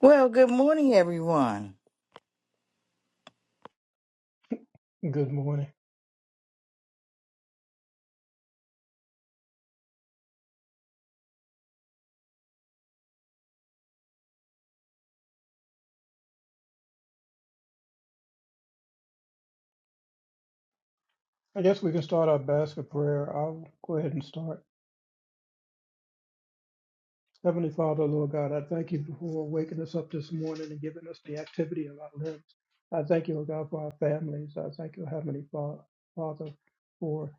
Well, good morning, everyone. Good morning. I guess we can start our basket prayer. I'll go ahead and start. Heavenly Father, Lord God, I thank you for waking us up this morning and giving us the activity of our limbs. I thank you, Lord God, for our families. I thank you, Heavenly Fa- Father, for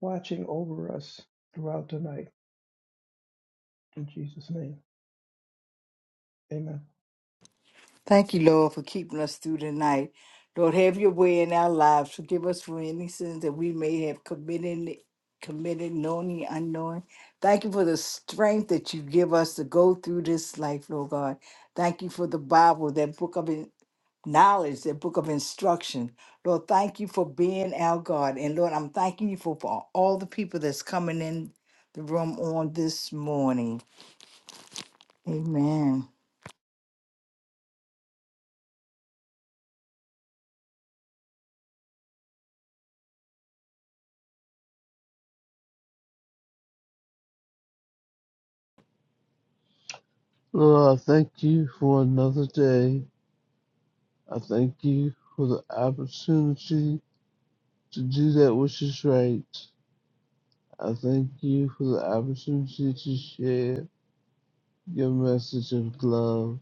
watching over us throughout the night. In Jesus' name, amen. Thank you, Lord, for keeping us through the night. Lord, have your way in our lives. Forgive us for any sins that we may have committed, committed knowingly, unknowing. Thank you for the strength that you give us to go through this life, Lord God. Thank you for the Bible, that book of in- knowledge, that book of instruction. Lord, thank you for being our God. And Lord, I'm thanking you for, for all the people that's coming in the room on this morning. Amen. Lord, I thank you for another day. I thank you for the opportunity to do that which is right. I thank you for the opportunity to share your message of love.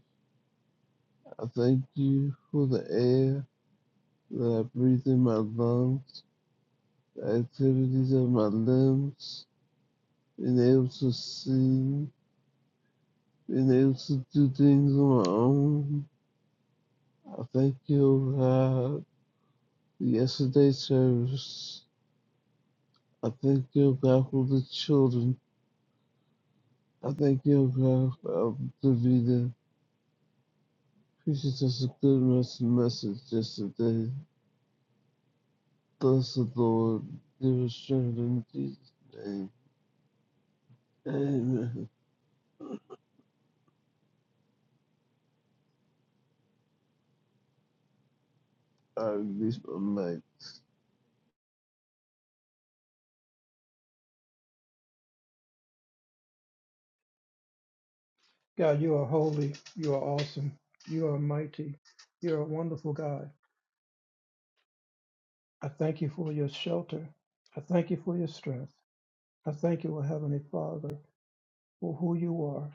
I thank you for the air that I breathe in my lungs, the activities of my limbs, being able to see, being able to do things on my own. I thank you, oh God, for yesterday's service. I thank you, God, for the children. I thank you, God, for the Davida. Preaching us a good mes- message yesterday. Bless the Lord. Give us strength in Jesus' name. Amen. I release my mic. God, you are holy. You are awesome. You are mighty. You're a wonderful God. I thank you for your shelter. I thank you for your strength. I thank you, O Heavenly Father. for who you are.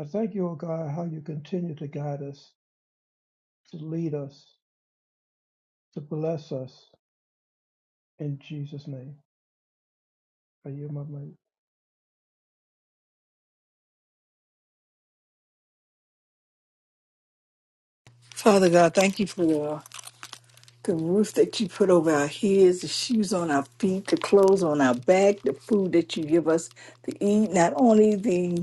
I thank you, O God, how you continue to guide us, to lead us, to bless us. In Jesus' name, I yield my mic. Father God, thank you for the, the roof that you put over our heads, the shoes on our feet, the clothes on our back, the food that you give us to eat, not only the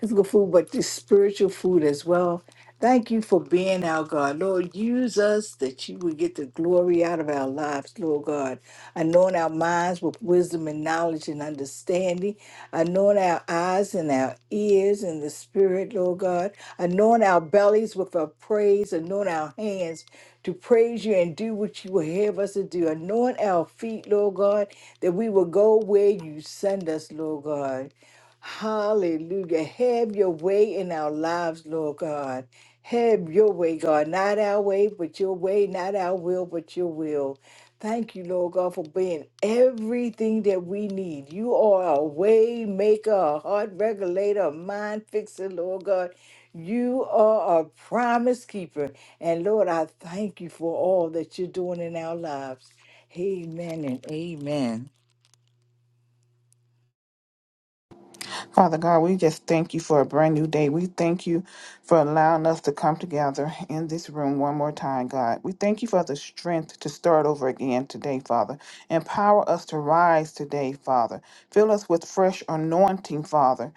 physical food, but the spiritual food as well. Thank you for being our God. Lord, use us that you would get the glory out of our lives, Lord God. Anoint our minds with wisdom and knowledge and understanding. Anoint our eyes and our ears and the spirit, Lord God. Anoint our bellies with our praise. Anoint our hands to praise you and do what you will have us to do. Anoint our feet, Lord God, that we will go where you send us, Lord God. Hallelujah. Have your way in our lives, Lord God. Have your way, God. Not our way, but your way. Not our will, but your will. Thank you, Lord God, for being everything that we need. You are a way maker, a heart regulator, a mind fixer, Lord God. You are a promise keeper. And Lord, I thank you for all that you're doing in our lives. Amen and amen. Father God, we just thank you for a brand new day. We thank you for allowing us to come together in this room one more time, God. We thank you for the strength to start over again today, Father. Empower us to rise today, Father. Fill us with fresh anointing, Father.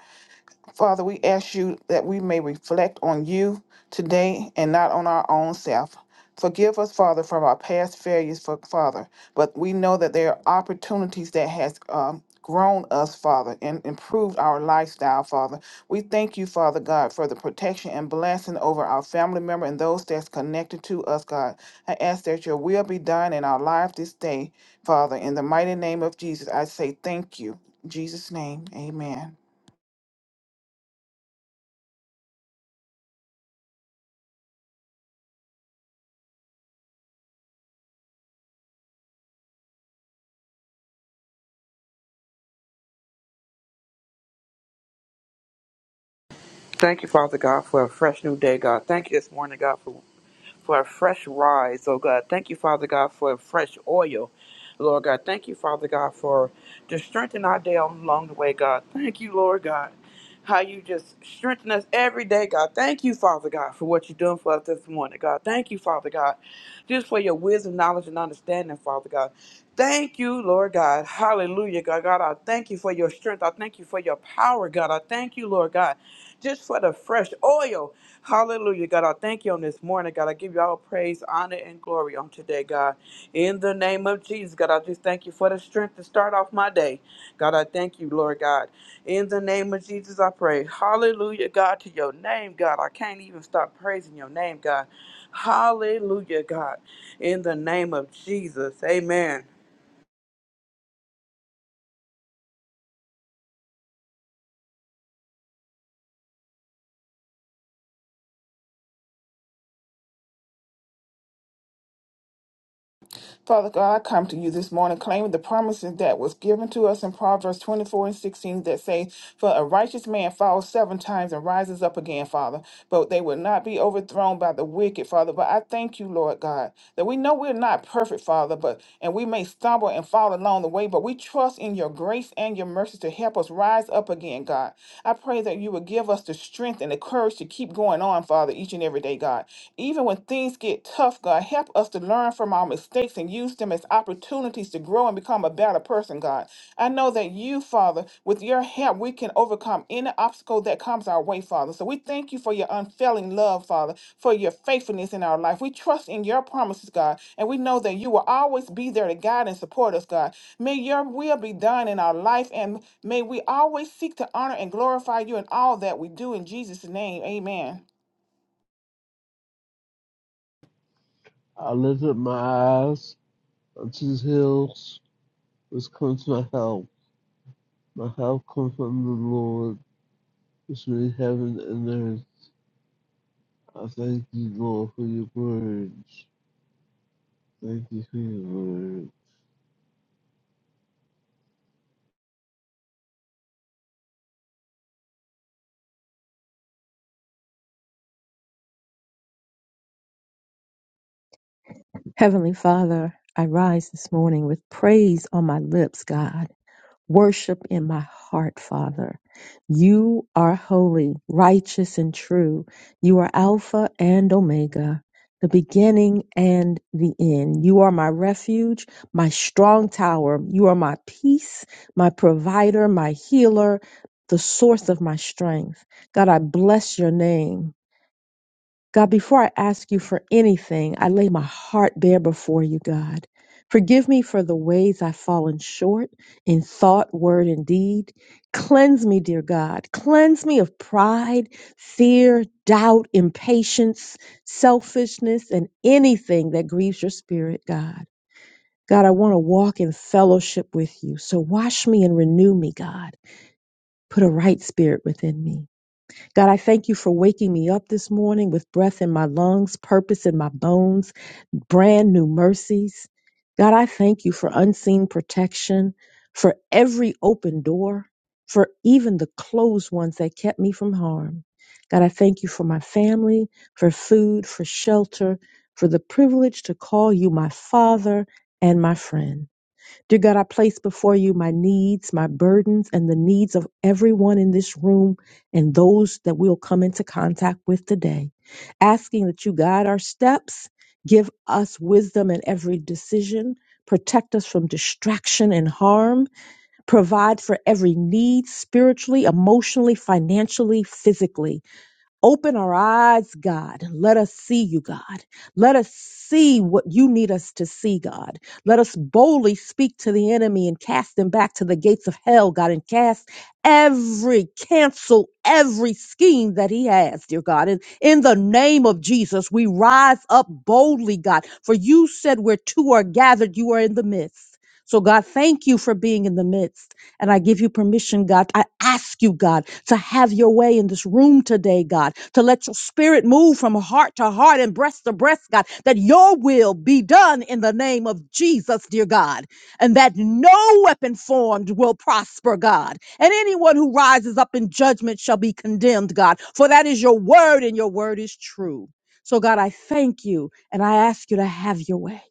Father, we ask you that we may reflect on you today and not on our own self. Forgive us, Father, from our past failures, for, Father. But we know that there are opportunities that has um, grown us, Father, and improved our lifestyle, Father. We thank you, Father God, for the protection and blessing over our family member and those that's connected to us, God. I ask that your will be done in our life this day, Father. In the mighty name of Jesus, I say thank you. In Jesus' name, amen. Thank you, Father God, for a fresh new day, God. Thank you this morning, God, for for a fresh rise, oh God. Thank you, Father God, for a fresh oil. Lord God, thank you, Father God, for just strengthening our day along the way, God. Thank you, Lord God, how you just strengthen us every day, God. Thank you, Father God, for what you're doing for us this morning, God. Thank you, Father God, just for your wisdom, knowledge, and understanding, Father God. Thank you, Lord God. Hallelujah, God. God, I thank you for your strength. I thank you for your power, God. I thank you, Lord God, just for the fresh oil. Hallelujah, God. I thank you on this morning, God. I give you all praise, honor, and glory on today, God. In the name of Jesus, God, I just thank you for the strength to start off my day. God, I thank you, Lord God. In the name of Jesus, I pray. Hallelujah, God, to your name, God. I can't even stop praising your name, God. Hallelujah, God. In the name of Jesus, amen. Father God, I come to you this morning claiming the promises that was given to us in Proverbs 24 and 16 that say, For a righteous man falls seven times and rises up again, Father, but they will not be overthrown by the wicked, Father. But I thank you, Lord God, that we know we're not perfect, Father, but and we may stumble and fall along the way, but we trust in your grace and your mercy to help us rise up again, God. I pray that you would give us the strength and the courage to keep going on, Father, each and every day, God. Even when things get get tough, God, help us to learn from our mistakes and use them as opportunities to grow and become a better person, God. I know that you, Father, with your help, we can overcome any obstacle that comes our way, Father. So we thank you for your unfailing love, Father, for your faithfulness in our life. We trust in your promises, God, and we know that you will always be there to guide and support us, God. May your will be done in our life, and may we always seek to honor and glorify you in all that we do. In Jesus' name, amen. I lift up my eyes unto the hills, which comes my help. My help comes from the Lord, which made heaven and earth. I thank you, Lord, for your words. Thank you for your word. Heavenly Father, I rise this morning with praise on my lips, God, worship in my heart, Father. You are holy, righteous, and true. You are Alpha and Omega, the beginning and the end. You are my refuge, my strong tower. You are my peace, my provider, my healer, the source of my strength. God, I bless your name. God, before I ask you for anything, I lay my heart bare before you, God. Forgive me for the ways I've fallen short in thought, word, and deed. Cleanse me, dear God. Cleanse me of pride, fear, doubt, impatience, selfishness, and anything that grieves your spirit, God. God, I want to walk in fellowship with you. So wash me and renew me, God. Put a right spirit within me. God, I thank you for waking me up this morning with breath in my lungs, purpose in my bones, brand new mercies. God, I thank you for unseen protection, for every open door, for even the closed ones that kept me from harm. God, I thank you for my family, for food, for shelter, for the privilege to call you my father and my friend. Dear God, I place before you my needs, my burdens, and the needs of everyone in this room and those that we'll come into contact with today. Asking that you guide our steps, give us wisdom in every decision, protect us from distraction and harm, provide for every need spiritually, emotionally, financially, physically. Open our eyes, God. Let us see you, God. Let us see what you need us to see, God. Let us boldly speak to the enemy and cast him back to the gates of hell, God, and cast every, cancel every scheme that he has, dear God. And in the name of Jesus, we rise up boldly, God, for you said where two are gathered, you are in the midst. So, God, thank you for being in the midst. And I give you permission, God. I ask you, God, to have your way in this room today, God, to let your spirit move from heart to heart and breast to breast, God, that your will be done in the name of Jesus, dear God, and that no weapon formed will prosper, God. And anyone who rises up in judgment shall be condemned, God, for that is your word and your word is true. So, God, I thank you and I ask you to have your way.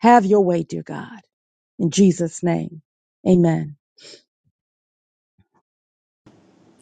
Have your way, dear God. In Jesus' name, amen.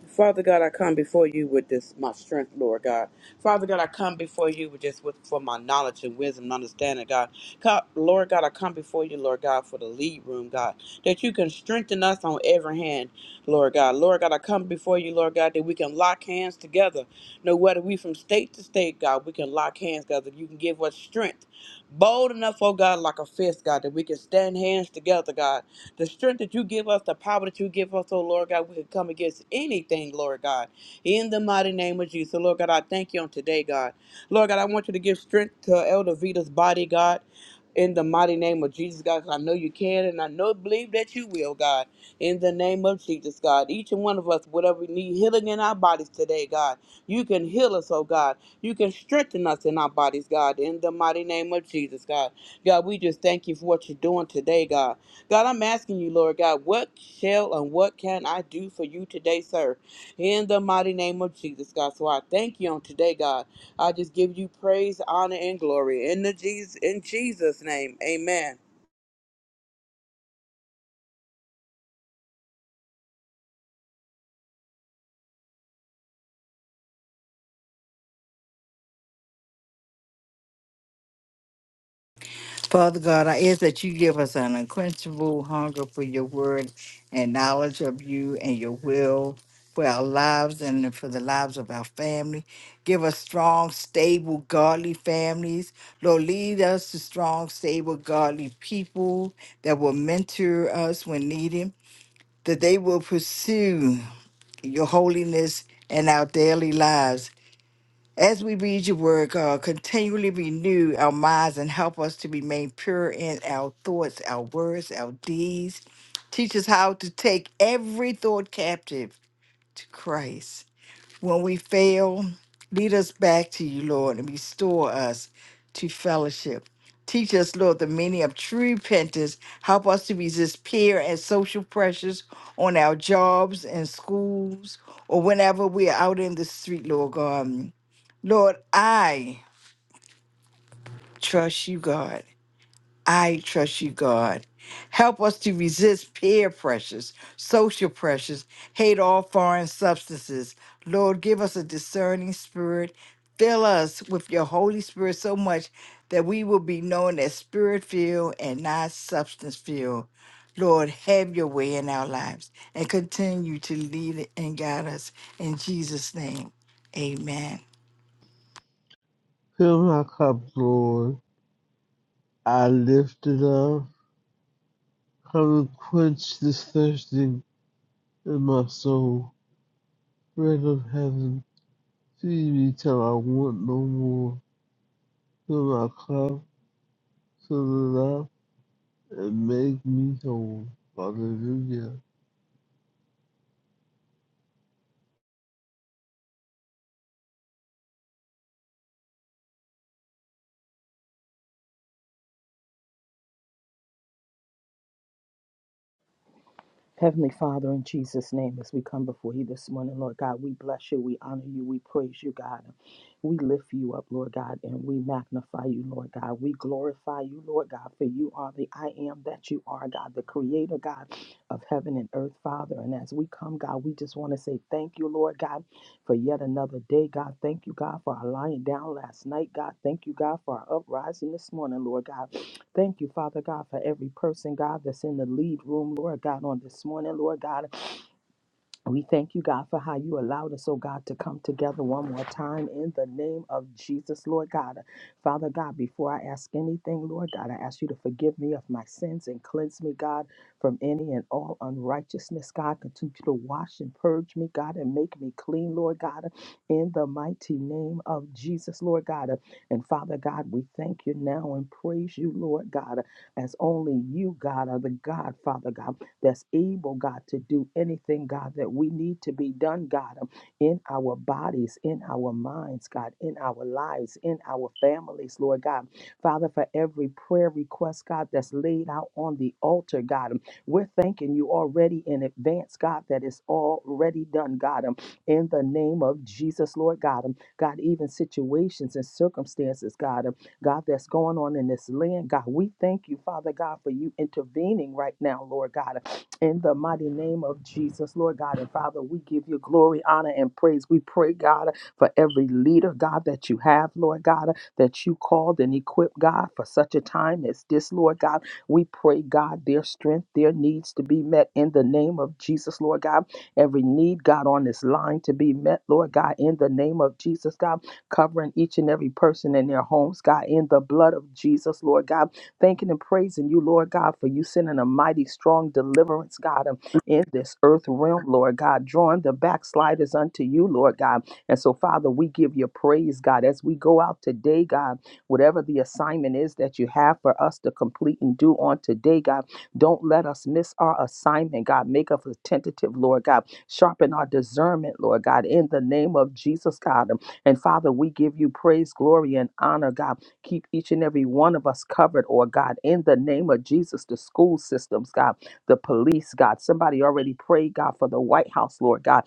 Father God, I come before you with this, my strength, Lord God. Father God, I come before you with just with, for my knowledge and wisdom and understanding, God. Co- Lord God, I come before you, Lord God, for the lead room, God, that you can strengthen us on every hand, Lord God. Lord God, I come before you, Lord God, that we can lock hands together. No, whether we from state to state, God, we can lock hands, God, that you can give us strength. Bold enough, oh God, like a fist, God, that we can stand hands together, God. The strength that you give us, the power that you give us, oh Lord God, we can come against anything, Lord God. In the mighty name of Jesus. So, Lord God, I thank you on today, God. Lord God, I want you to give strength to Elder Vita's body, God. In the mighty name of Jesus, God, 'cause I know you can and I know believe that you will, God. In the name of Jesus, God. Each and one of us, whatever we need healing in our bodies today, God. You can heal us, oh God. You can strengthen us in our bodies, God. In the mighty name of Jesus, God. God, we just thank you for what you're doing today, God. God, I'm asking you, Lord God, what shall and what can I do for you today, sir? In the mighty name of Jesus, God. So I thank you on today, God. I just give you praise, honor, and glory. In the Jesus in Jesus' name. Amen. Father God, I ask that you give us an unquenchable hunger for your word and knowledge of you and your will for our lives and for the lives of our family. Give us strong, stable, godly families. Lord, lead us to strong, stable, godly people that will mentor us when needed, that they will pursue your holiness in our daily lives. As we read your word, God, continually renew our minds and help us to remain pure in our thoughts, our words, our deeds. Teach us how to take every thought captive to Christ when we fail, lead us back to you, Lord, and restore us to fellowship. Teach us, Lord, the meaning of true repentance. Help us to resist peer and social pressures on our jobs and schools or whenever we are out in the street, Lord God. Lord, I trust you, God. I trust you, God. Help us to resist peer pressures, social pressures, hate all foreign substances. Lord, give us a discerning spirit. Fill us with your Holy Spirit so much that we will be known as spirit filled and not substance filled. Lord, have your way in our lives and continue to lead and guide us. In Jesus' name, amen. Fill my cup, Lord. I lift it up. Come and quench this thirsting in my soul. Bread of heaven, feed me till I want no more. Fill my cup, fill it up, and make me whole. Hallelujah. Heavenly Father, in Jesus' name, as we come before you this morning, Lord God, we bless you, we honor you, we praise you, God. We lift you up, Lord God, and we magnify you, Lord God. We glorify you, Lord God, for you are the I am that you are, God, the creator, God, of heaven and earth, Father. And as we come, God, we just want to say thank you, Lord God, for yet another day, God. Thank you, God, for our lying down last night, God. Thank you, God, for our uprising this morning, Lord God. Thank you, Father God, for every person, God, that's in the lead room, Lord God, on this morning, Lord God. We thank you, God, for how you allowed us, oh God, to come together one more time in the name of Jesus, Lord God. Father God, before I ask anything, Lord God, I ask you to forgive me of my sins and cleanse me, God, from any and all unrighteousness, God. Continue to wash and purge me, God, and make me clean, Lord God, in the mighty name of Jesus, Lord God. And Father God, we thank you now and praise you, Lord God, as only you, God, are the God, Father God that's able, God, to do anything, God, that we need to be done, God, um, in our bodies, in our minds, God, in our lives, in our families, Lord God. Father, for every prayer request, God, that's laid out on the altar, God, um, we're thanking you already in advance, God, that it's already done, God, um, in the name of Jesus, Lord God. um, God, even situations and circumstances, God, um, God, that's going on in this land, God, we thank you, Father God, for you intervening right now, Lord God. In the mighty name of Jesus, Lord God and Father, we give you glory, honor, and praise. We pray, God, for every leader, God, that you have, Lord God, that you called and equipped, God, for such a time as this, Lord God. We pray, God, their strength, their needs to be met in the name of Jesus, Lord God. Every need, God, on this line to be met, Lord God, in the name of Jesus, God, covering each and every person in their homes, God, in the blood of Jesus, Lord God thanking and praising you, Lord God, for you sending a mighty strong deliverance, God, um, in this earth realm, Lord God, drawing the backsliders unto you, Lord God. And so, Father, we give you praise, God, as we go out today, God, whatever the assignment is that you have for us to complete and do on today, God, don't let us miss our assignment, God. Make us attentive, Lord God. Sharpen our discernment, Lord God, in the name of Jesus, God. Um, And Father, we give you praise, glory, and honor, God Keep each and every one of us covered, or God, in the name of Jesus, the school systems, God, the police, God. Somebody already prayed, God, for the White House, Lord God.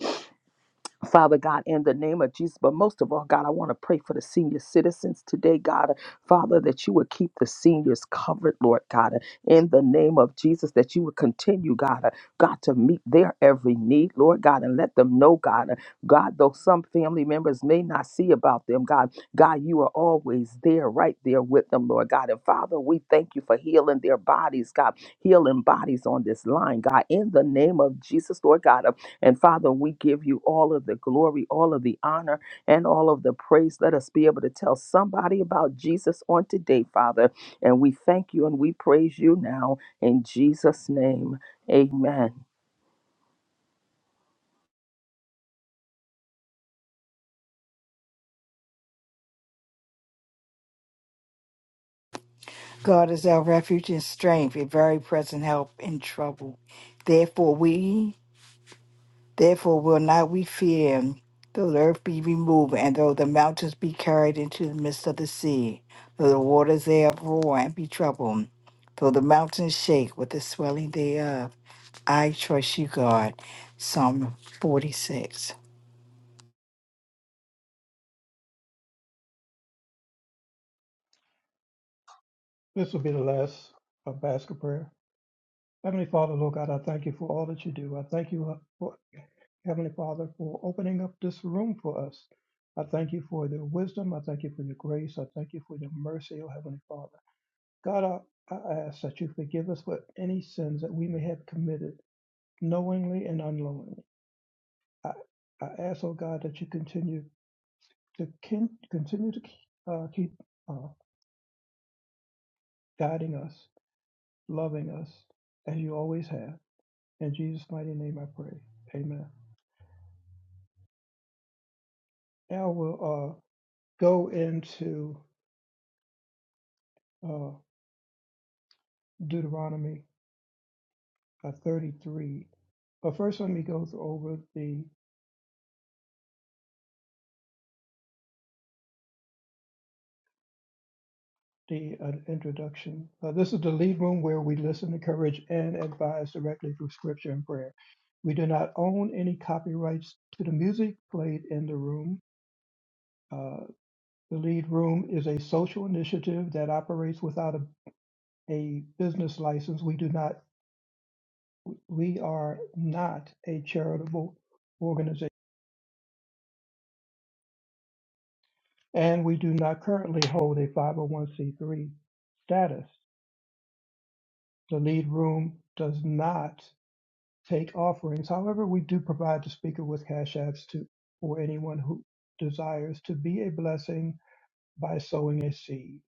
Father God, in the name of Jesus. But most of all, God, I want to pray for the senior citizens today, God. Father, that you would keep the seniors covered, Lord God, in the name of Jesus, that you would continue, God, uh, God, to meet their every need, Lord God, and let them know, God, uh, God, though some family members may not see about them, God, God, you are always there, right there with them, Lord God. And Father, we thank you for healing their bodies, God, healing bodies on this line, God, in the name of Jesus, Lord God. And Father, we give you all of the glory, all of the honor, and all of the praise. Let us be able to tell somebody about Jesus on today, Father. And we thank you and we praise you now in Jesus' name. Amen. God is our refuge and strength, a very present help in trouble. Therefore we therefore will not we fear, though the earth be removed, and though the mountains be carried into the midst of the sea, though the waters thereof roar and be troubled, though the mountains shake with the swelling thereof. I trust you, God. Psalm 46. This will be the last uh, basket prayer. Heavenly Father, Lord God, I thank you for all that you do. I thank you, uh, for, Heavenly Father, for opening up this room for us. I thank you for your wisdom. I thank you for your grace. I thank you for your mercy, O Heavenly Father. God, I, I ask that you forgive us for any sins that we may have committed, knowingly and unknowingly. I, I ask, oh God, that you continue to kin- continue to keep, uh, keep uh, guiding us, loving us, as you always have. In Jesus' mighty name, I pray. Amen. Now we'll uh, go into uh, Deuteronomy uh, 33. But first, let me go th- over the the uh, introduction. Uh, this is the lead room where we listen, encourage, and advise directly through scripture and prayer. We do not own any copyrights to the music played in the room. Uh, the lead room is a social initiative that operates without a, a business license. We do not, we are not a charitable organization, and we do not currently hold a 501c3 status. The lead room does not take offerings. However, we do provide the speaker with cash apps to for anyone who desires to be a blessing by sowing a seed.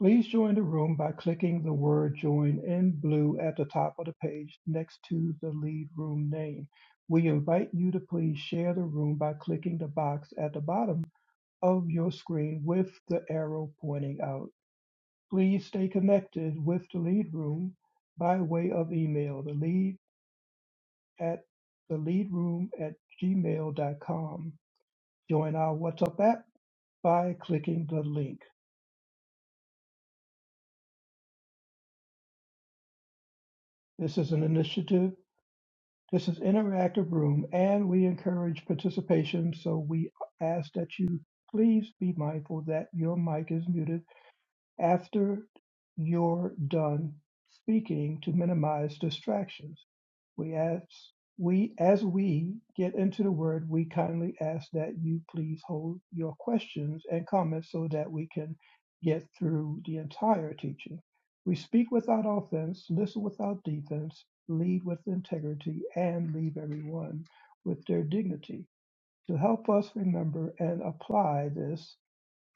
Please join the room by clicking the word join in blue at the top of the page next to the lead room name. We invite you to please share the room by clicking the box at the bottom of your screen with the arrow pointing out. Please stay connected with the lead room by way of email. The lead at theleadroom at gmail.com. Join our WhatsApp app by clicking the link. This is an initiative. This is interactive room, and we encourage participation. So we ask that you please be mindful that your mic is muted After you're done speaking, to minimize distractions, we ask we as we get into the word, we kindly ask that you please hold your questions and comments so that we can get through the entire teaching. We speak without offense, listen without defense, lead with integrity, and leave everyone with their dignity. To help us remember and apply this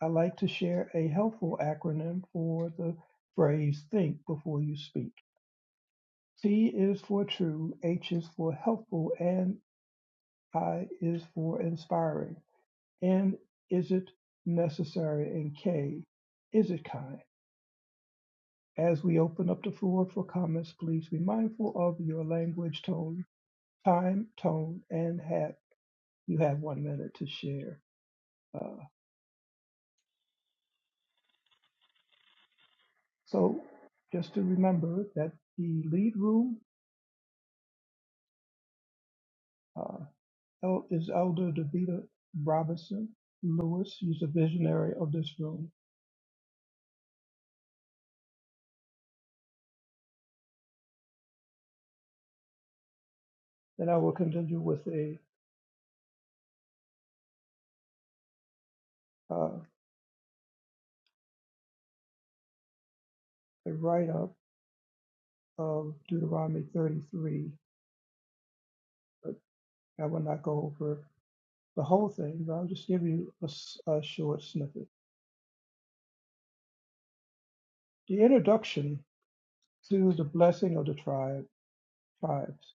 I like to share a helpful acronym for the phrase think before you speak. T is for true, H is for helpful, and I is for inspiring. N is it necessary, and K is it kind. As we open up the floor for comments, please be mindful of your language, tone, time, tone, and hat. You have one minute to share. Uh, so just to remember that the lead room uh, El- His elder DeVita Robinson Lewis is a visionary of this room, and I will continue with a uh, a write-up of Deuteronomy 33, but I will not go over the whole thing, but I'll just give you a, s- a short snippet. The introduction to the blessing of the tribe tribes.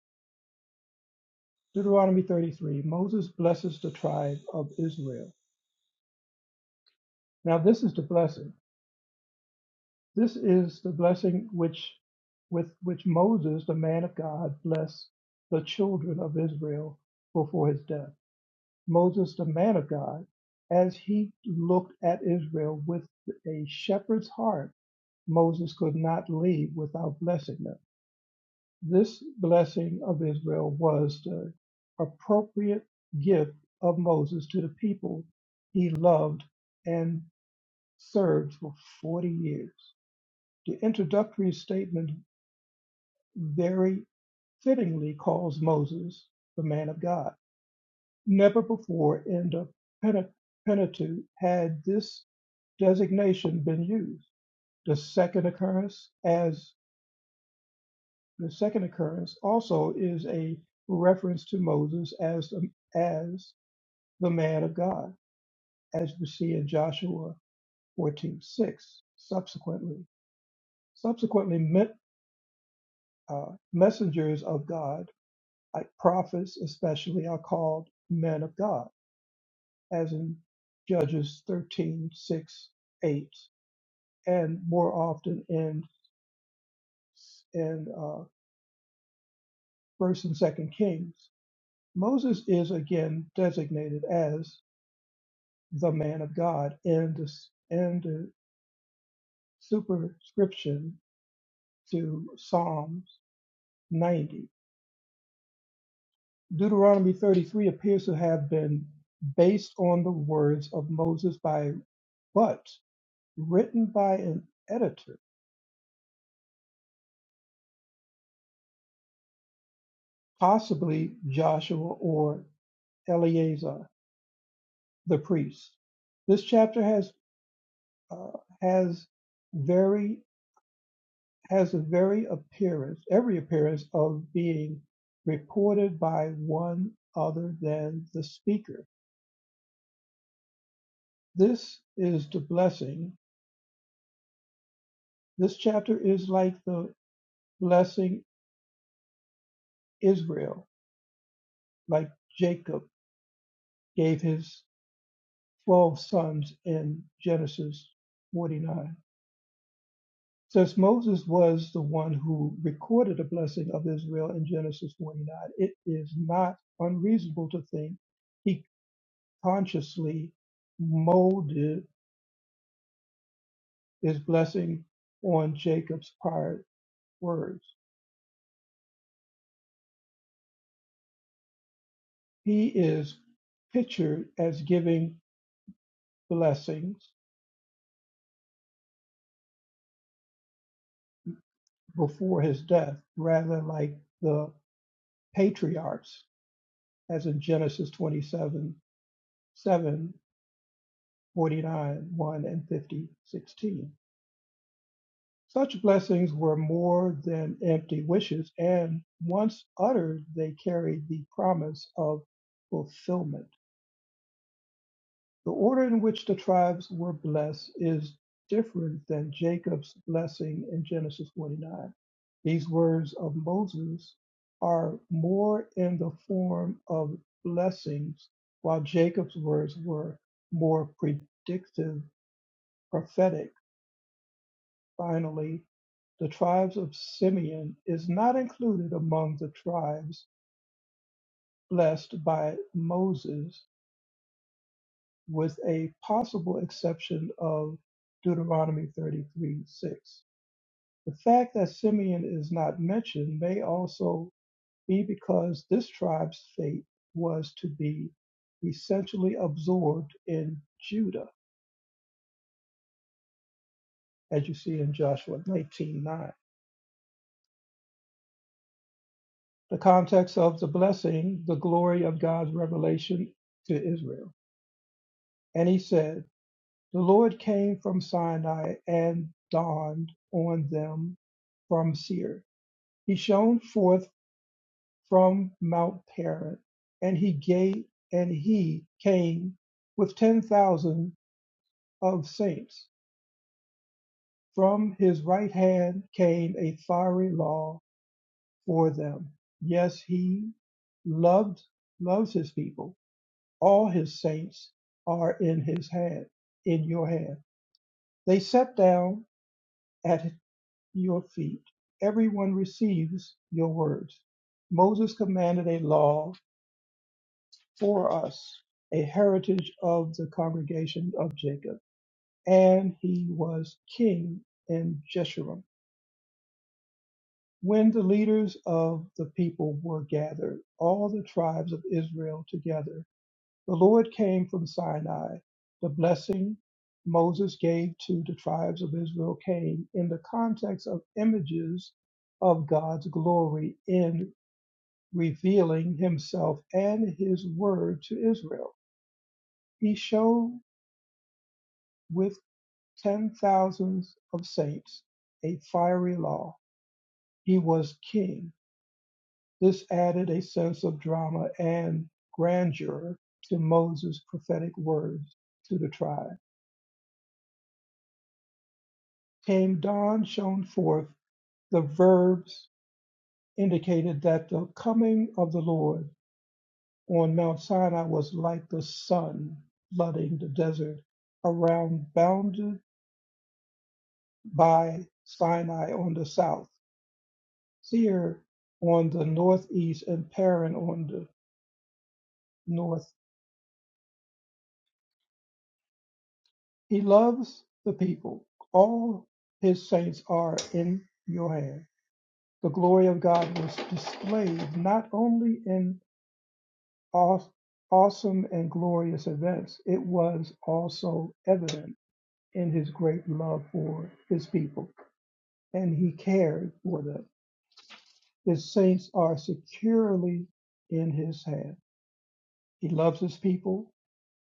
Deuteronomy 33, Moses blesses the tribe of Israel. Now this is the blessing. This is the blessing which with which Moses, the man of God, blessed the children of Israel before his death. Moses, the man of God, as he looked at Israel with a shepherd's heart, Moses could not leave without blessing them. This blessing of Israel was the appropriate gift of Moses to the people he loved and served for 40 years. The introductory statement very fittingly calls Moses the man of God. Never before in the Pente- Pentateuch had this designation been used. The second occurrence as the second occurrence also is a reference to Moses as the, as the man of God, as we see in Joshua 14:6. Subsequently, subsequently, me- uh, messengers of God, like prophets especially, are called men of God as in Judges thirteen six, 8, and more often in, in uh, 1st and 2nd Kings. Moses is again designated as the man of God in the, in the superscription to Psalms 90. Deuteronomy 33 appears to have been based on the words of Moses by but written by an editor, possibly Joshua or Eleazar. the priests. This chapter has uh, has very has a very appearance, every appearance of being reported by one other than the speaker. This is the blessing. This chapter is like the blessing Israel, like Jacob gave his twelve sons in Genesis 49. Since Moses was the one who recorded the blessing of Israel in Genesis 29, it is not unreasonable to think he consciously molded his blessing on Jacob's prior words. He is pictured as giving blessings before his death, rather like the patriarchs, as in Genesis 27, 7, forty-nine, 1, and 50, sixteen. Such blessings were more than empty wishes, and once uttered, they carried the promise of fulfillment. The order in which the tribes were blessed is different than Jacob's blessing in Genesis 49. These words of Moses are more in the form of blessings, while Jacob's words were more predictive, prophetic Finally, the tribes of Simeon is not included among the tribes blessed by Moses, with a possible exception of Deuteronomy 33 6. The fact that Simeon is not mentioned may also be because this tribe's fate was to be essentially absorbed in Judah, as you see in Joshua 19:9. The context of the blessing, the glory of God's revelation to Israel. And he said, The Lord came from Sinai and dawned on them from Seir. He shone forth from Mount Paran, and he gave and he came with ten thousand of saints. From his right hand came a fiery law for them. Yes, he loved loves his people all his saints are in his hand, in your hand. They sat down at your feet. Everyone receives your words. Moses commanded a law for us, a heritage of the congregation of Jacob, and he was king in Jeshurun. When the leaders of the people were gathered, all the tribes of Israel together, The Lord came from Sinai. The blessing Moses gave to the tribes of Israel came in the context of images of God's glory in revealing himself and his word to Israel. He showed with ten thousands of saints a fiery law. He was king. This added a sense of drama and grandeur to Moses' prophetic words to the tribe. came dawn shone forth, the verbs indicated that the coming of the Lord on Mount Sinai was like the sun flooding the desert around, bounded by Sinai on the south, Seir on the northeast, and Paran on the north. He loves the people. All his saints are in your hand. The glory of God was displayed not only in awesome and glorious events, it was also evident in his great love for his people, and he cared for them. His saints are securely in his hand. He loves his people.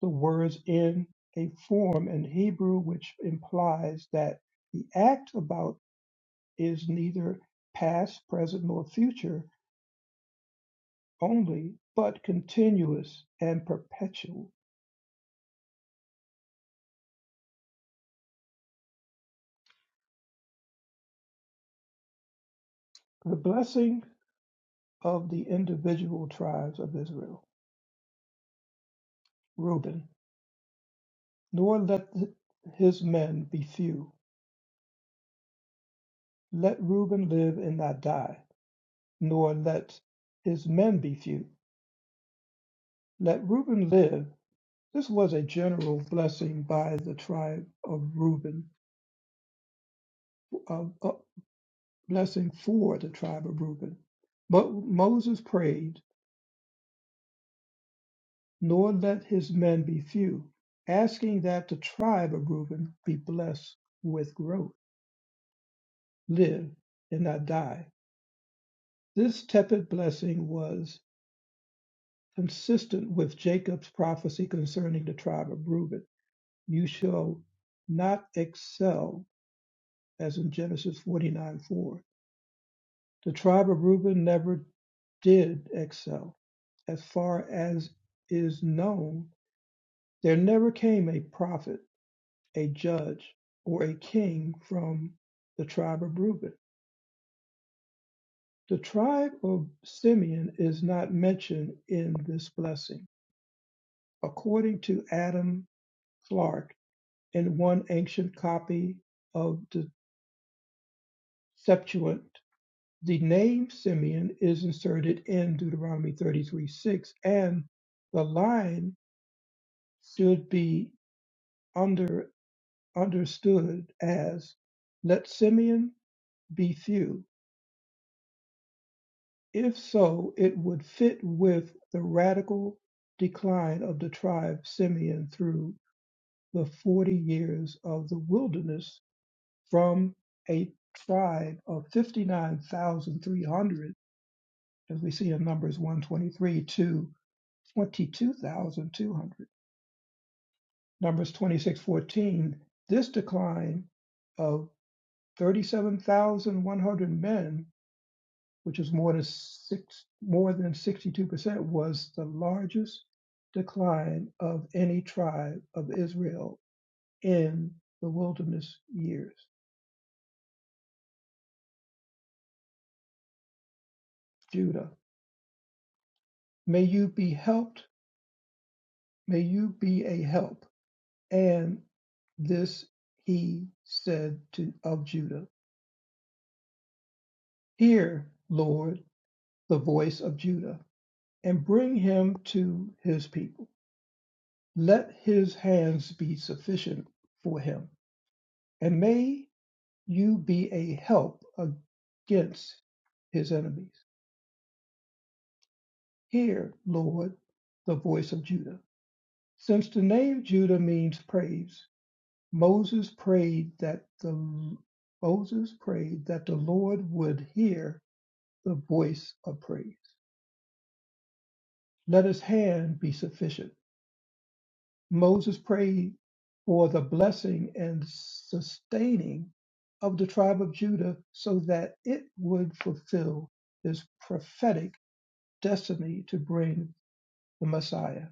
The words in a form in Hebrew which implies that the act about is neither past, present, nor future only, but continuous and perpetual. The blessing of the individual tribes of Israel, Reuben, nor let his men be few. Let Reuben live and not die, nor let his men be few. Let Reuben live. This was a general blessing by the tribe of Reuben, a, a blessing for the tribe of Reuben. But Moses prayed, nor let his men be few, asking that the tribe of Reuben be blessed with growth. live and not die. This tepid blessing was consistent with Jacob's prophecy concerning the tribe of Reuben. You shall not excel, as in Genesis 49 4. The tribe of Reuben never did excel. As far as is known, there never came a prophet, a judge, or a king from the tribe of Reuben. The tribe of Simeon is not mentioned in this blessing according to Adam Clarke in one ancient copy of the Septuagint, the name Simeon is inserted in Deuteronomy 33 6, and the line should be under, understood as let Simeon be few. If so, it would fit with the radical decline of the tribe Simeon through the 40 years of the wilderness from a tribe of 59,300, as we see in Numbers 123, to 22,200. Numbers 26:14, this decline of 37,100 men, which is more than six, more than 62%, was the largest decline of any tribe of Israel in the wilderness years. Judah, may you be helped May you be a help. And this he said to of Judah, Hear, Lord, the voice of Judah, and bring him to his people. Let his hands be sufficient for him, and may you be a help against his enemies. Hear, Lord, the voice of Judah. Since the name Judah means praise, Moses prayed that the Moses prayed that the Lord would hear the voice of praise. Let his hand be sufficient. Moses prayed for the blessing and sustaining of the tribe of Judah so that it would fulfill his prophetic destiny to bring the Messiah.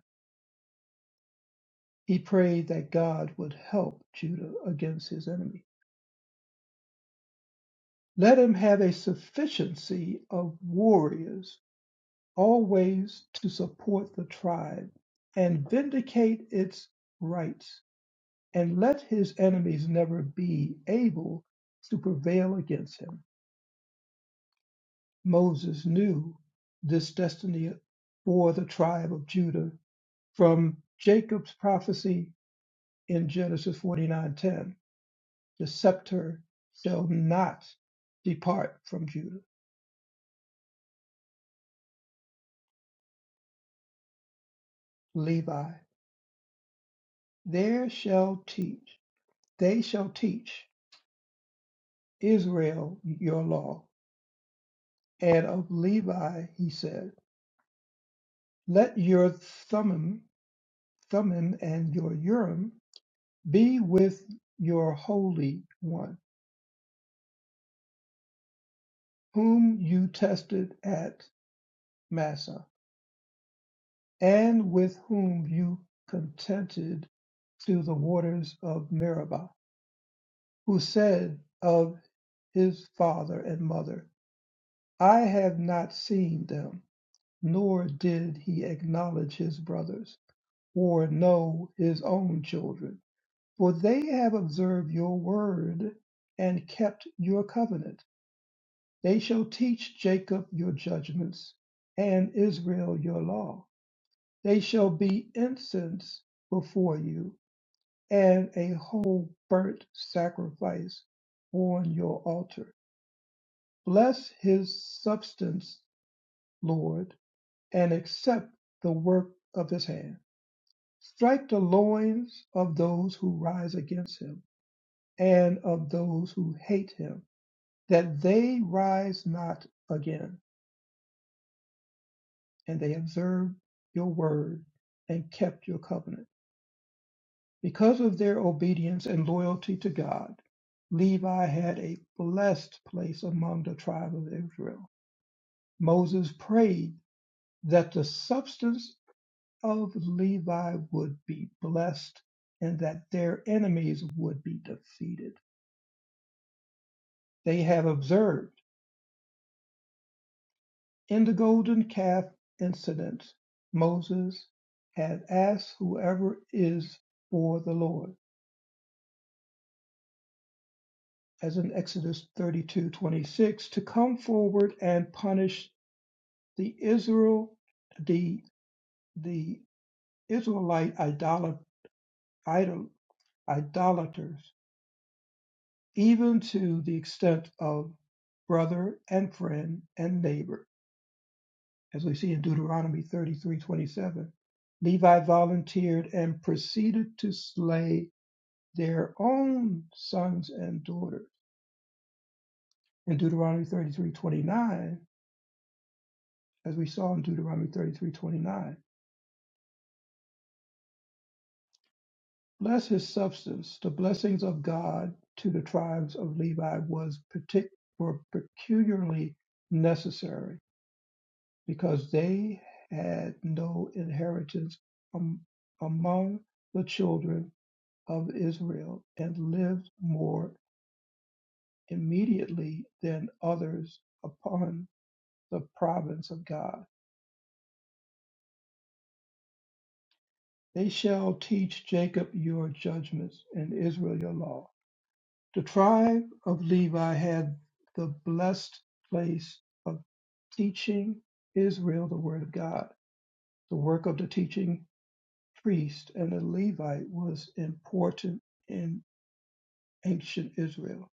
He prayed that God would help Judah against his enemy. Let him have a sufficiency of warriors always to support the tribe and vindicate its rights, and let his enemies never be able to prevail against him. Moses knew this destiny for the tribe of Judah from Jacob's prophecy in Genesis 49:10. The scepter shall not depart from Judah. Levi, there shall teach, they shall teach Israel your law and of Levi he said, Let your Thummim, Thummim and your Urim be with your Holy One, whom you tested at Massa, and with whom you contented to the waters of Meribah, who said of his father and mother, I have not seen them, nor did he acknowledge his brothers, or know his own children For they have observed your word and kept your covenant. They shall teach Jacob your judgments and Israel your law. They shall be incense before you and a whole burnt sacrifice on your altar. Bless his substance, Lord, and accept the work of his hand. Strike the loins of those who rise against him and of those who hate him that they rise not again. And they observed your word and kept your covenant. Because of their obedience and loyalty to God, Levi had a blessed place among the tribe of Israel. Moses prayed that the substance of Levi would be blessed and that their enemies would be defeated. They have observed In the golden calf incident, Moses had asked whoever is for the Lord, as in Exodus 32 26, to come forward and punish the Israel, the, the Israelite idol, idol, idolaters, even to the extent of brother and friend and neighbor, as we see in Deuteronomy 33 27. Levi volunteered and proceeded to slay their own sons and daughters. In Deuteronomy 33:29, as we saw in Deuteronomy 33:29, bless his substance. The blessings of God to the tribes of Levi was partic- were peculiarly necessary because they had no inheritance am- among the children of Israel and lived more immediately than others upon the province of God. They shall teach Jacob your judgments and Israel your law. The tribe of Levi had the blessed place of teaching Israel the word of God. The work of the teaching priest and the Levite was important in ancient Israel,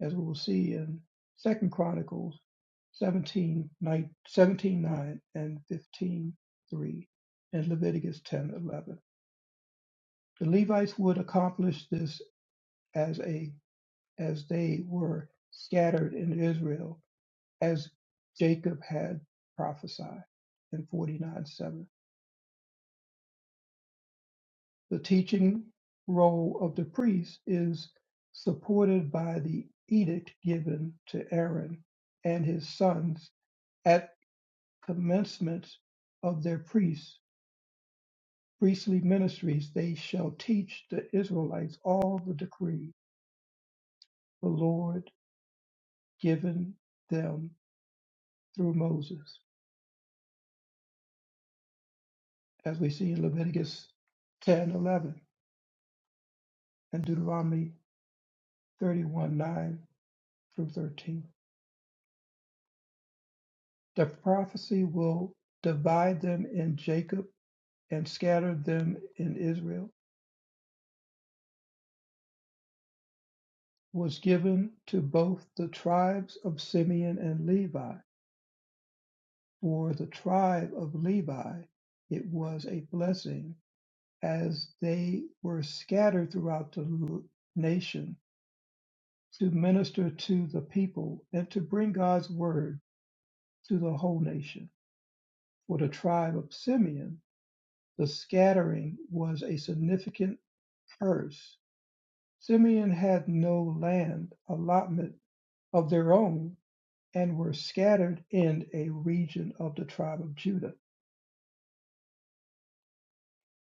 as we will see in Second Chronicles 17, nine, seventeen nine and 15 3, and Leviticus ten eleven. The Levites would accomplish this as a as they were scattered in Israel, as Jacob had prophesied in 49 7. The teaching role of the priest is supported by the edict given to Aaron and his sons at commencement of their priests, priestly ministries. They shall teach the Israelites all the decree the Lord given them through Moses. as we see in Leviticus 10:11 and Deuteronomy 31 9 through 13. The prophecy will divide them in Jacob and scatter them in Israel, was given to both the tribes of Simeon and Levi. For the tribe of Levi, it was a blessing as they were scattered throughout the nation to minister to the people and to bring God's word to the whole nation. For the tribe of Simeon, the scattering was a significant curse. Simeon had no land allotment of their own and were scattered in a region of the tribe of Judah,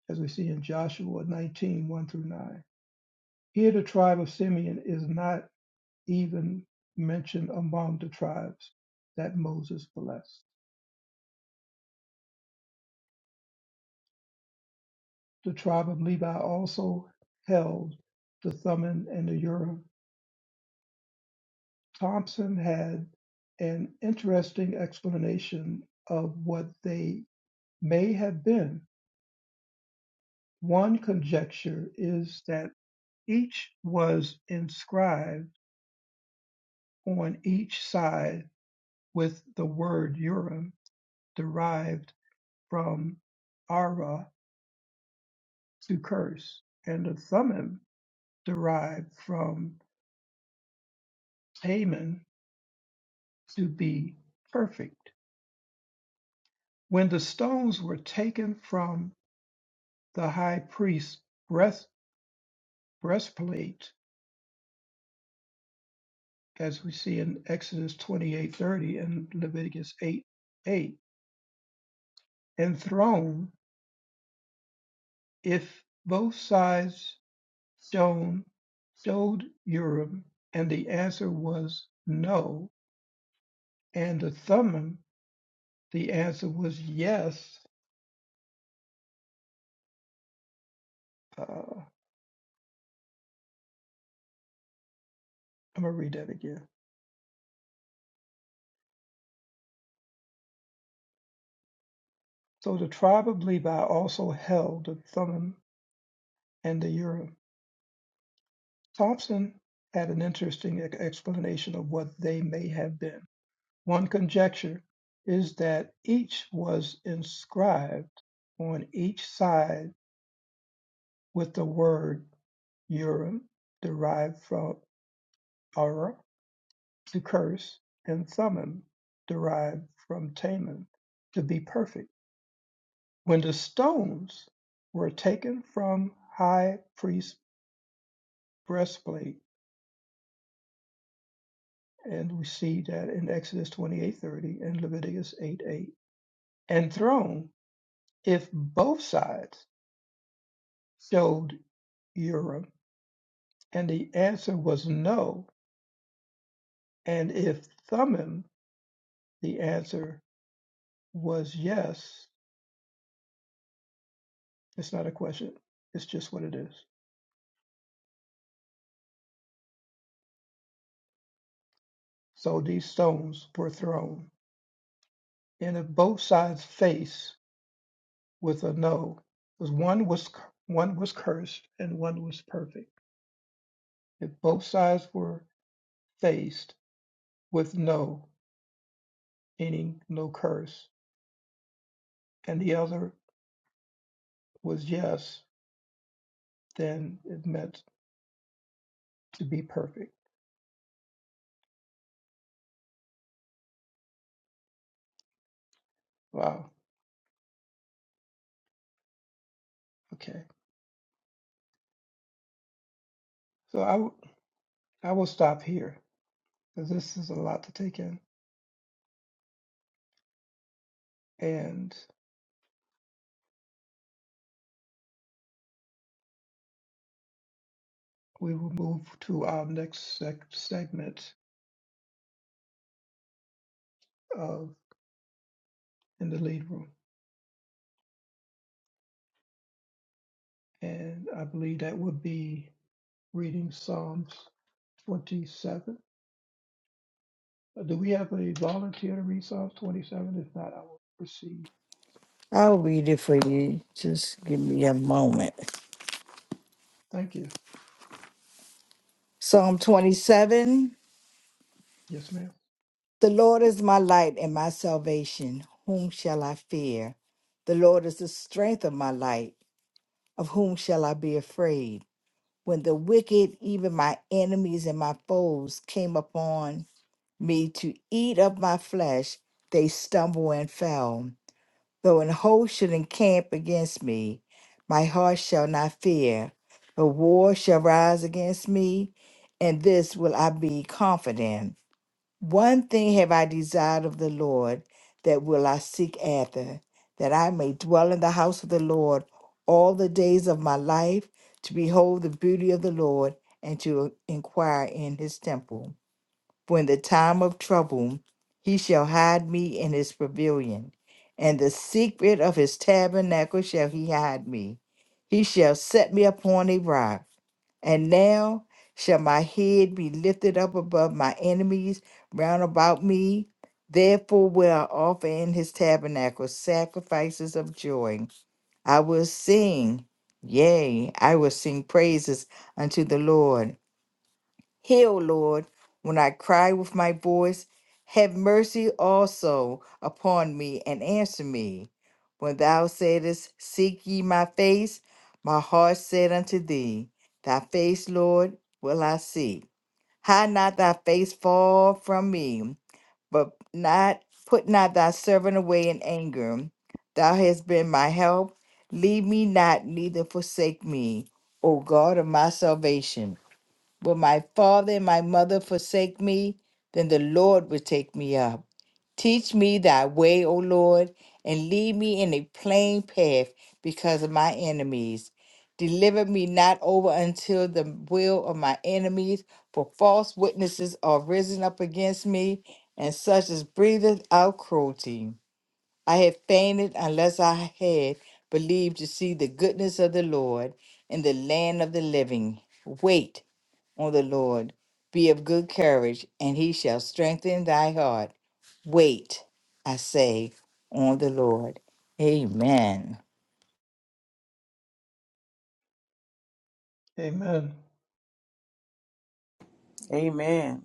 as we see in Joshua 19 one through 9. Here, the tribe of Simeon is not even mentioned among the tribes that Moses blessed. The tribe of Levi also held the Thummim and the Urim Thompson had an interesting explanation of what they may have been. One conjecture is that each was inscribed on each side with the word Urim, derived from Ara, to curse, and a Thummim, derived from Haman, to be perfect. When the stones were taken from the high priest's breast. breastplate, as we see in Exodus 28:30 and Leviticus eight, eight, and thrown, if both sides stone, stoned Urim, and the answer was no, and the Thummim, the answer was yes. Uh, I'm gonna read that again. So the tribe of Levi also held the Thummim and the Urim. Thompson had an interesting e- explanation of what they may have been. One conjecture is that each was inscribed on each side with the word "Urim," derived from "Ura," to curse, and "Thummim," derived from "Tammim," to be perfect. When the stones were taken from high priest's breastplate, and we see that in Exodus 28:30 and Leviticus eight eight, and thrown, if both sides showed Urim? And the answer was no. And if Thummim, the answer was yes. It's not a question, it's just what it is. So these stones were thrown, and if both sides faced with a no, because one was one was cursed and one was perfect. If both sides were faced with no, meaning no curse, and the other was yes, then it meant to be perfect. Wow. Okay. So I, w- I will stop here because this is a lot to take in. And we will move to our next sec- segment of In the Lead Room. And I believe that would be reading Psalms 27. Uh, Do we have a volunteer to read Psalms 27? If not, I will proceed. I'll read it for you. Just give me a moment. Thank you. Psalm 27. Yes, ma'am. The Lord is my light and my salvation. Whom shall I fear? The Lord is the strength of my light. Of whom shall I be afraid? When the wicked, even my enemies and my foes, came upon me to eat up my flesh, they stumbled and fell. Though an host should encamp against me, my heart shall not fear. The war shall rise against me, and this will I be confident. One thing have I desired of the Lord, that will I seek after, that I may dwell in the house of the Lord all the days of my life, to behold the beauty of the Lord, and to inquire in his temple. For in the time of trouble he shall hide me in his pavilion, and the secret of his tabernacle shall he hide me. He shall set me upon a rock, and now shall my head be lifted up above my enemies round about me. Therefore will I offer in his tabernacle sacrifices of joy. I will sing, yea, I will sing praises unto the Lord. Heal, Lord, when I cry with my voice. Have mercy also upon me and answer me. When thou saidest, Seek ye my face, my heart said unto thee, Thy face, Lord, will I seek. Hide not thy face far from me, but not put not thy servant away in anger. Thou hast been my help. Leave me not, neither forsake me, O God of my salvation. Will my father and my mother forsake me? Then the Lord will take me up. Teach me thy way, O Lord, and lead me in a plain path because of my enemies. Deliver me not over until the will of my enemies, for false witnesses are risen up against me, and such as breatheth out cruelty. I had fainted unless I had believed to see the goodness of the Lord in the land of the living. Wait on the Lord, be of good courage, and he shall strengthen thy heart. Wait, I say, on the Lord. Amen. Amen. Amen.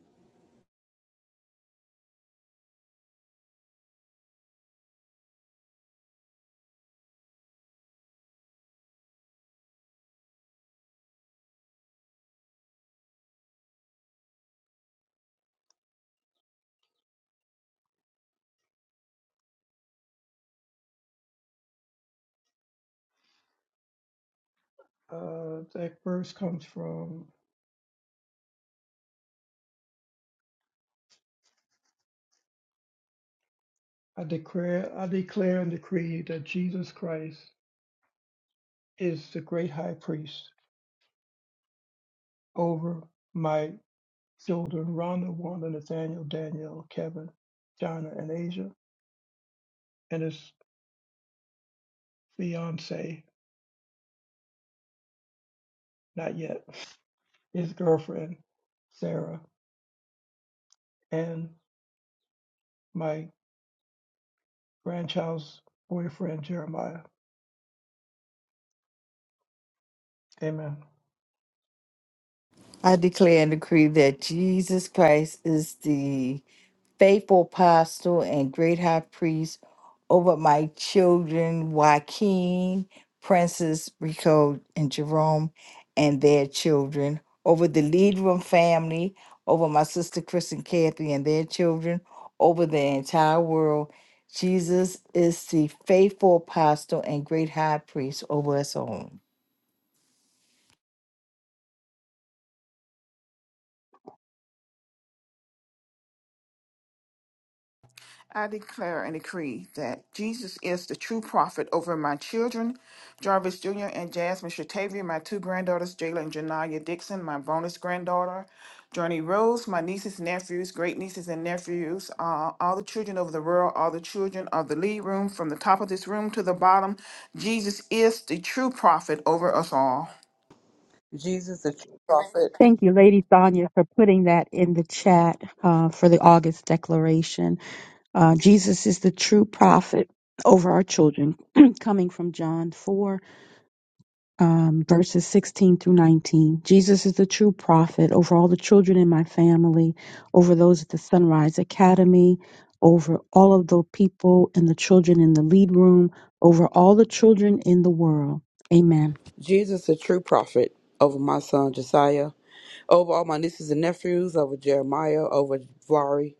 Uh, that verse comes from I declare, I declare and decree that Jesus Christ is the great high priest Over my children, Rhonda, Wanda, Nathaniel, Danielle, Kevin, China, and Asia, and his fiance, not yet, his girlfriend, Sarah, and my grandchild's boyfriend, Jeremiah. Amen. I declare and decree that Jesus Christ is the faithful apostle and great high priest over my children, Joaquin, Princess Rico, and Jerome, and their children, over the lead room family, over my sister Chris and Kathy and their children, over the entire world. Jesus is the faithful apostle and great high priest over us all. I declare and decree that Jesus is the true prophet over my children, Jarvis Jr. and Jasmine Shatavia, my two granddaughters, Jayla and Janaya Dixon, my bonus granddaughter, Journey Rose, my nieces, nephews, great nieces and nephews, uh, all the children of the world, all the children of the lead room, from the top of this room to the bottom. Jesus is the true prophet over us all. Jesus the true prophet. Thank you, Lady Sonia, for putting that in the chat uh, for the August declaration. Uh, Jesus is the true prophet over our children, coming from John 4, um, verses 16 through 19. Jesus is the true prophet over all the children in my family, over those at the Sunrise Academy, over all of the people and the children in the lead room, over all the children in the world. Amen. Jesus, the true prophet, over my son Josiah, over all my nieces and nephews, over Jeremiah, over Vari,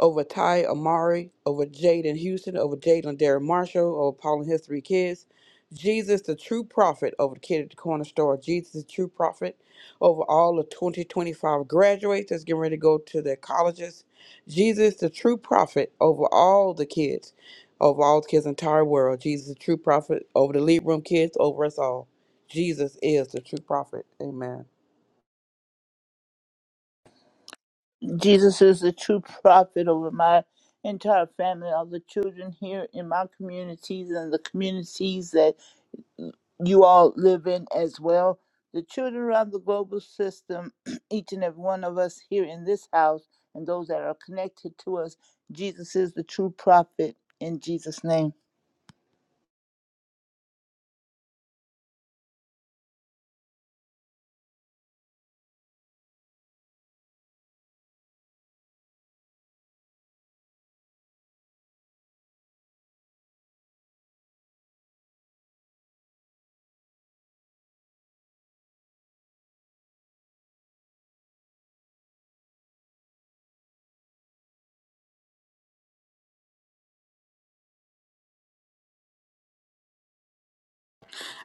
over Ty Amari, over Jaden Houston, over Jaden Darren Marshall, over Paul and his three kids. Jesus, the true prophet, over the kid at the corner store. Jesus, the true prophet, over all the 2025 graduates that's getting ready to go to their colleges. Jesus, the true prophet, over all the kids, over all the kids in the entire world. Jesus, the true prophet, over the lead room kids, over us all. Jesus is the true prophet. Amen. Jesus is the true prophet over my entire family, all the children here in my communities and the communities that you all live in as well. The children around the global system, each and every one of us here in this house and those that are connected to us, Jesus is the true prophet in Jesus' name.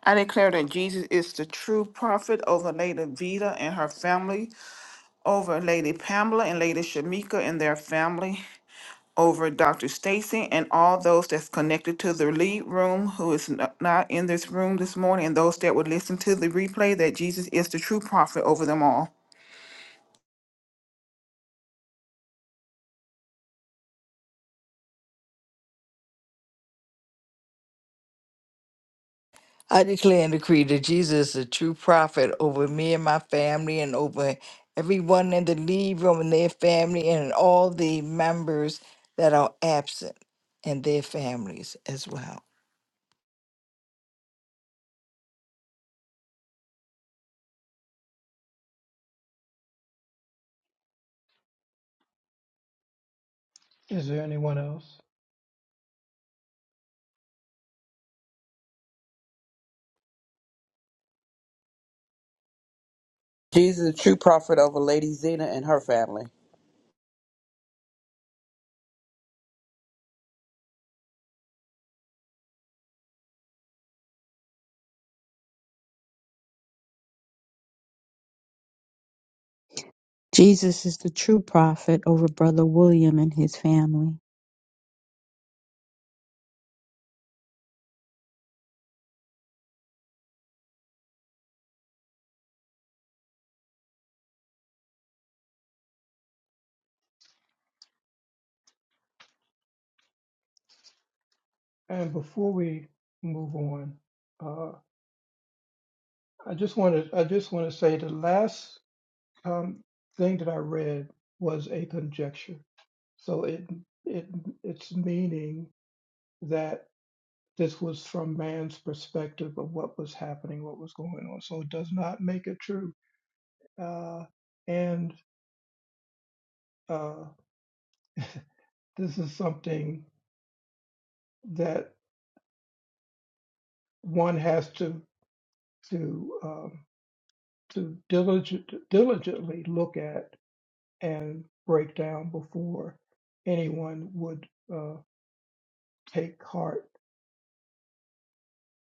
I declare that Jesus is the true prophet over Lady Vita and her family. over Lady Pamela and Lady Shamika and their family, over Dr. Stacy and all those that's connected to the lead room who is n- not in this room this morning, and those that would listen to the replay that Jesus is the true prophet over them all. I declare and decree that Jesus is a true prophet over me and my family and over everyone in the lead room and their family and all the members that are absent and their families as well. Is there anyone else? Jesus is the true prophet over Lady Zena and her family. Jesus is the true prophet over Brother William and his family. And before we move on, uh, I just wanted I just want to say the last um, thing that I read was a conjecture. So it it its meaning that This was from man's perspective of what was happening, what was going on. So it does not make it true. Uh, and uh, this is something that one has to to um, to diligent, diligently look at and break down before anyone would uh, take heart,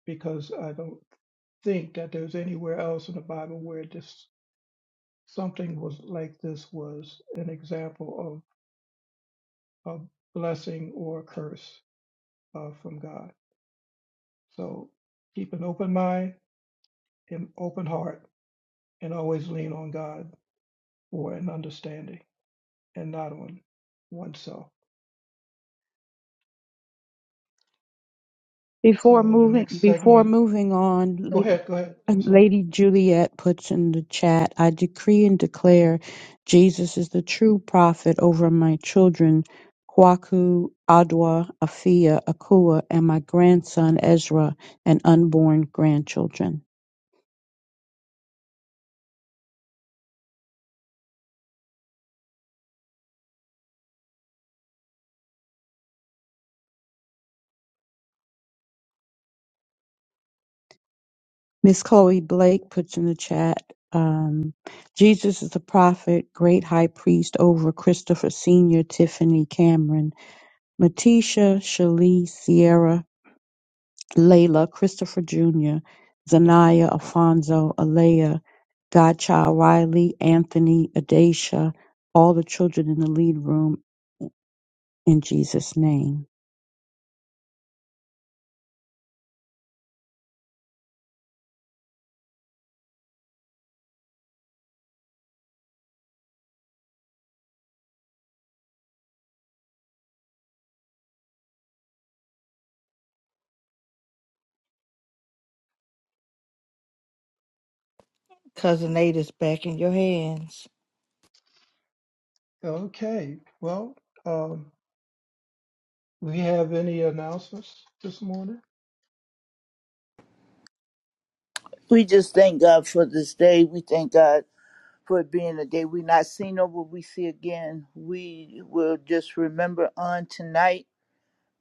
because I don't think that there's anywhere else in the Bible where this something was like this was an example a blessing or a curse uh, from God. So keep an open mind and open heart and always lean on God for an understanding and not on oneself. Before So the moving next before segment, moving on, go La- ahead, go ahead. I'm sorry. Lady Juliet puts in the chat, I decree and declare Jesus is the true prophet over my children, Kwaku, Adwa, Afia, Akua, and my grandson Ezra and unborn grandchildren. Miss Chloe Blake puts in the chat, um, Jesus is the prophet, great high priest over Christopher Sr., Tiffany Cameron, Matisha, Shalee, Sierra, Layla, Christopher Jr., Zanaya, Alfonso, Alea, Godchild Riley, Anthony, Adesha, all the children in the lead room, in Jesus' name. Cousin Nate is back in your hands. Okay. Well, um, we have any announcements this morning? We just thank God for this day. We thank God for it being a day we not seen or will we see again. We will just remember on tonight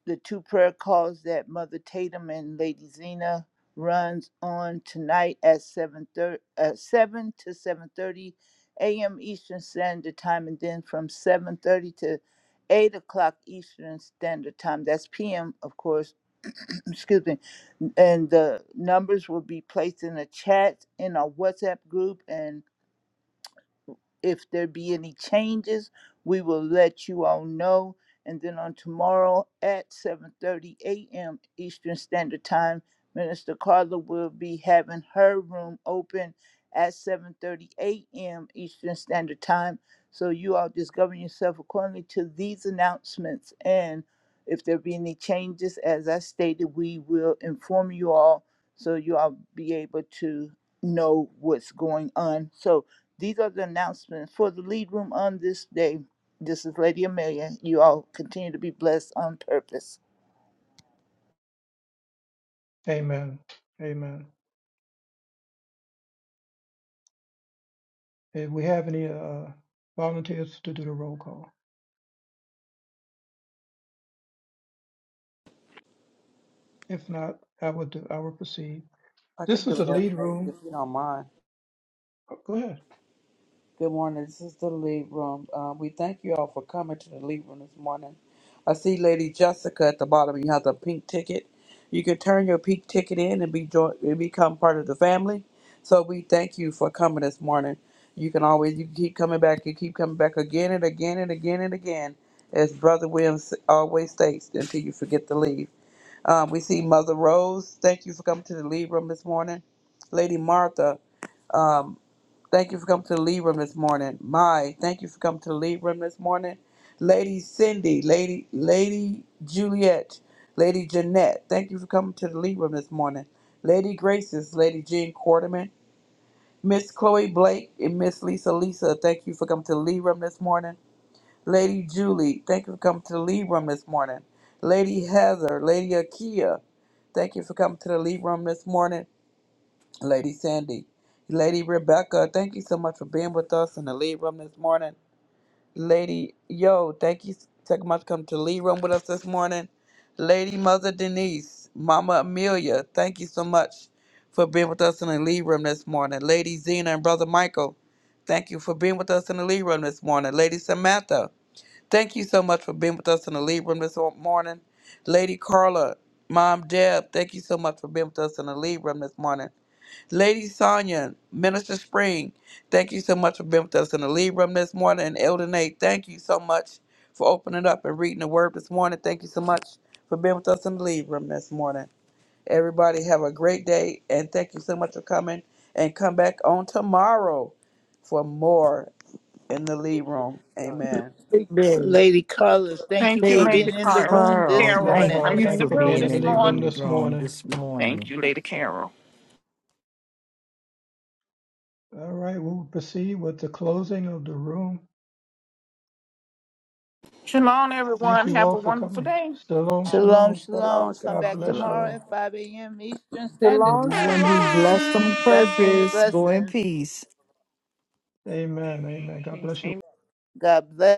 the two prayer calls that Mother Tatum and Lady Zena runs on tonight at seven thirty, uh, 7 to 7.30 a.m. Eastern Standard Time and then from 7.30 to 8 o'clock Eastern Standard Time. That's p.m., of course. Excuse me. And the numbers will be placed in the chat in our WhatsApp group and if there be any changes, we will let you all know. And then on tomorrow at 7:30 a.m. Eastern Standard Time, Minister Carla will be having her room open at 7:30 a.m. Eastern Standard Time. So you all just govern yourself accordingly to these announcements. And if there be any changes, as I stated, we will inform you all so you all be able to know what's going on. So these are the announcements for the lead room on this day. This is Lady Amelia. You all continue to be blessed on purpose. Amen. Amen. If we have any uh, volunteers to do the roll call, if not, I will do. I will proceed. I This could do is the it, Elder lead Nate, room. if you don't mind. oh, Go ahead. Good morning. This is the lead room. Uh, we thank you all for coming to the lead room this morning. I see Lady Jessica at the bottom. You have the pink ticket. You can turn your pink ticket in and be join- and become part of the family. So we thank you for coming this morning. You can always you can keep coming back. You keep coming back again and again and again and again, as Brother Williams always states, until you forget to leave. Um, we see Mother Rose. Thank you for coming to the lead room this morning. Lady Martha, um, thank you for coming to the lead room this morning. Mai, thank you for coming to the lead room this morning. Lady Cindy, Lady Lady Juliet, Lady Jeanette, thank you for coming to the lead room this morning. Lady Graces, Lady Jean Quarterman, Miss Chloe Blake, and Miss Lisa Lisa, thank you for coming to the lead room this morning. Lady Julie, thank you for coming to the lead room this morning. Lady Heather, Lady Akia, thank you for coming to the lead room this morning. Lady Sandy, Lady Rebecca, thank you so much for being with us in the lead room this morning. Lady Yo, thank you so much for coming to the lead room with us this morning. Lady Mother Denise, Mama Amelia, thank you so much for being with us in the lead room this morning. Lady Zena and Brother Michael, thank you for being with us in the lead room this morning. Lady Samantha, Thank you so much for being with us in the lead room this morning. Lady Carla, Mom Deb, thank you so much for being with us in the lead room this morning. Lady Sonia, Minister Spring, thank you so much for being with us in the lead room this morning. And Elder Nate, thank you so much for opening up and reading the word this morning. Thank you so much for being with us in the lead room this morning. Everybody have a great day and thank you so much for coming and come back on tomorrow for more in the lead room. Amen. Amen. Lady Carlos, thank Thank you you, for Lady Lady being in the Carol. room Carl, this Lady Carol, thank morning. Carl, I'm you thank in you the for for room being being in the this lead in the room morning. lead this room morning. this Thank morning. you, Lady Carol. All right, we'll proceed with the closing of the room. Shalom, Thank everyone. you Have all a for wonderful coming. day. Shalom, Shalom, shalom. Shalom, shalom. Come God shalom, back bless you tomorrow shalom. at all. 5 a.m. Eastern Standard Shalom, Everyone Time. be blessed shalom. on Blessings, purpose. Go in blessings. peace. Amen, amen. God Peace. bless you all. God bless.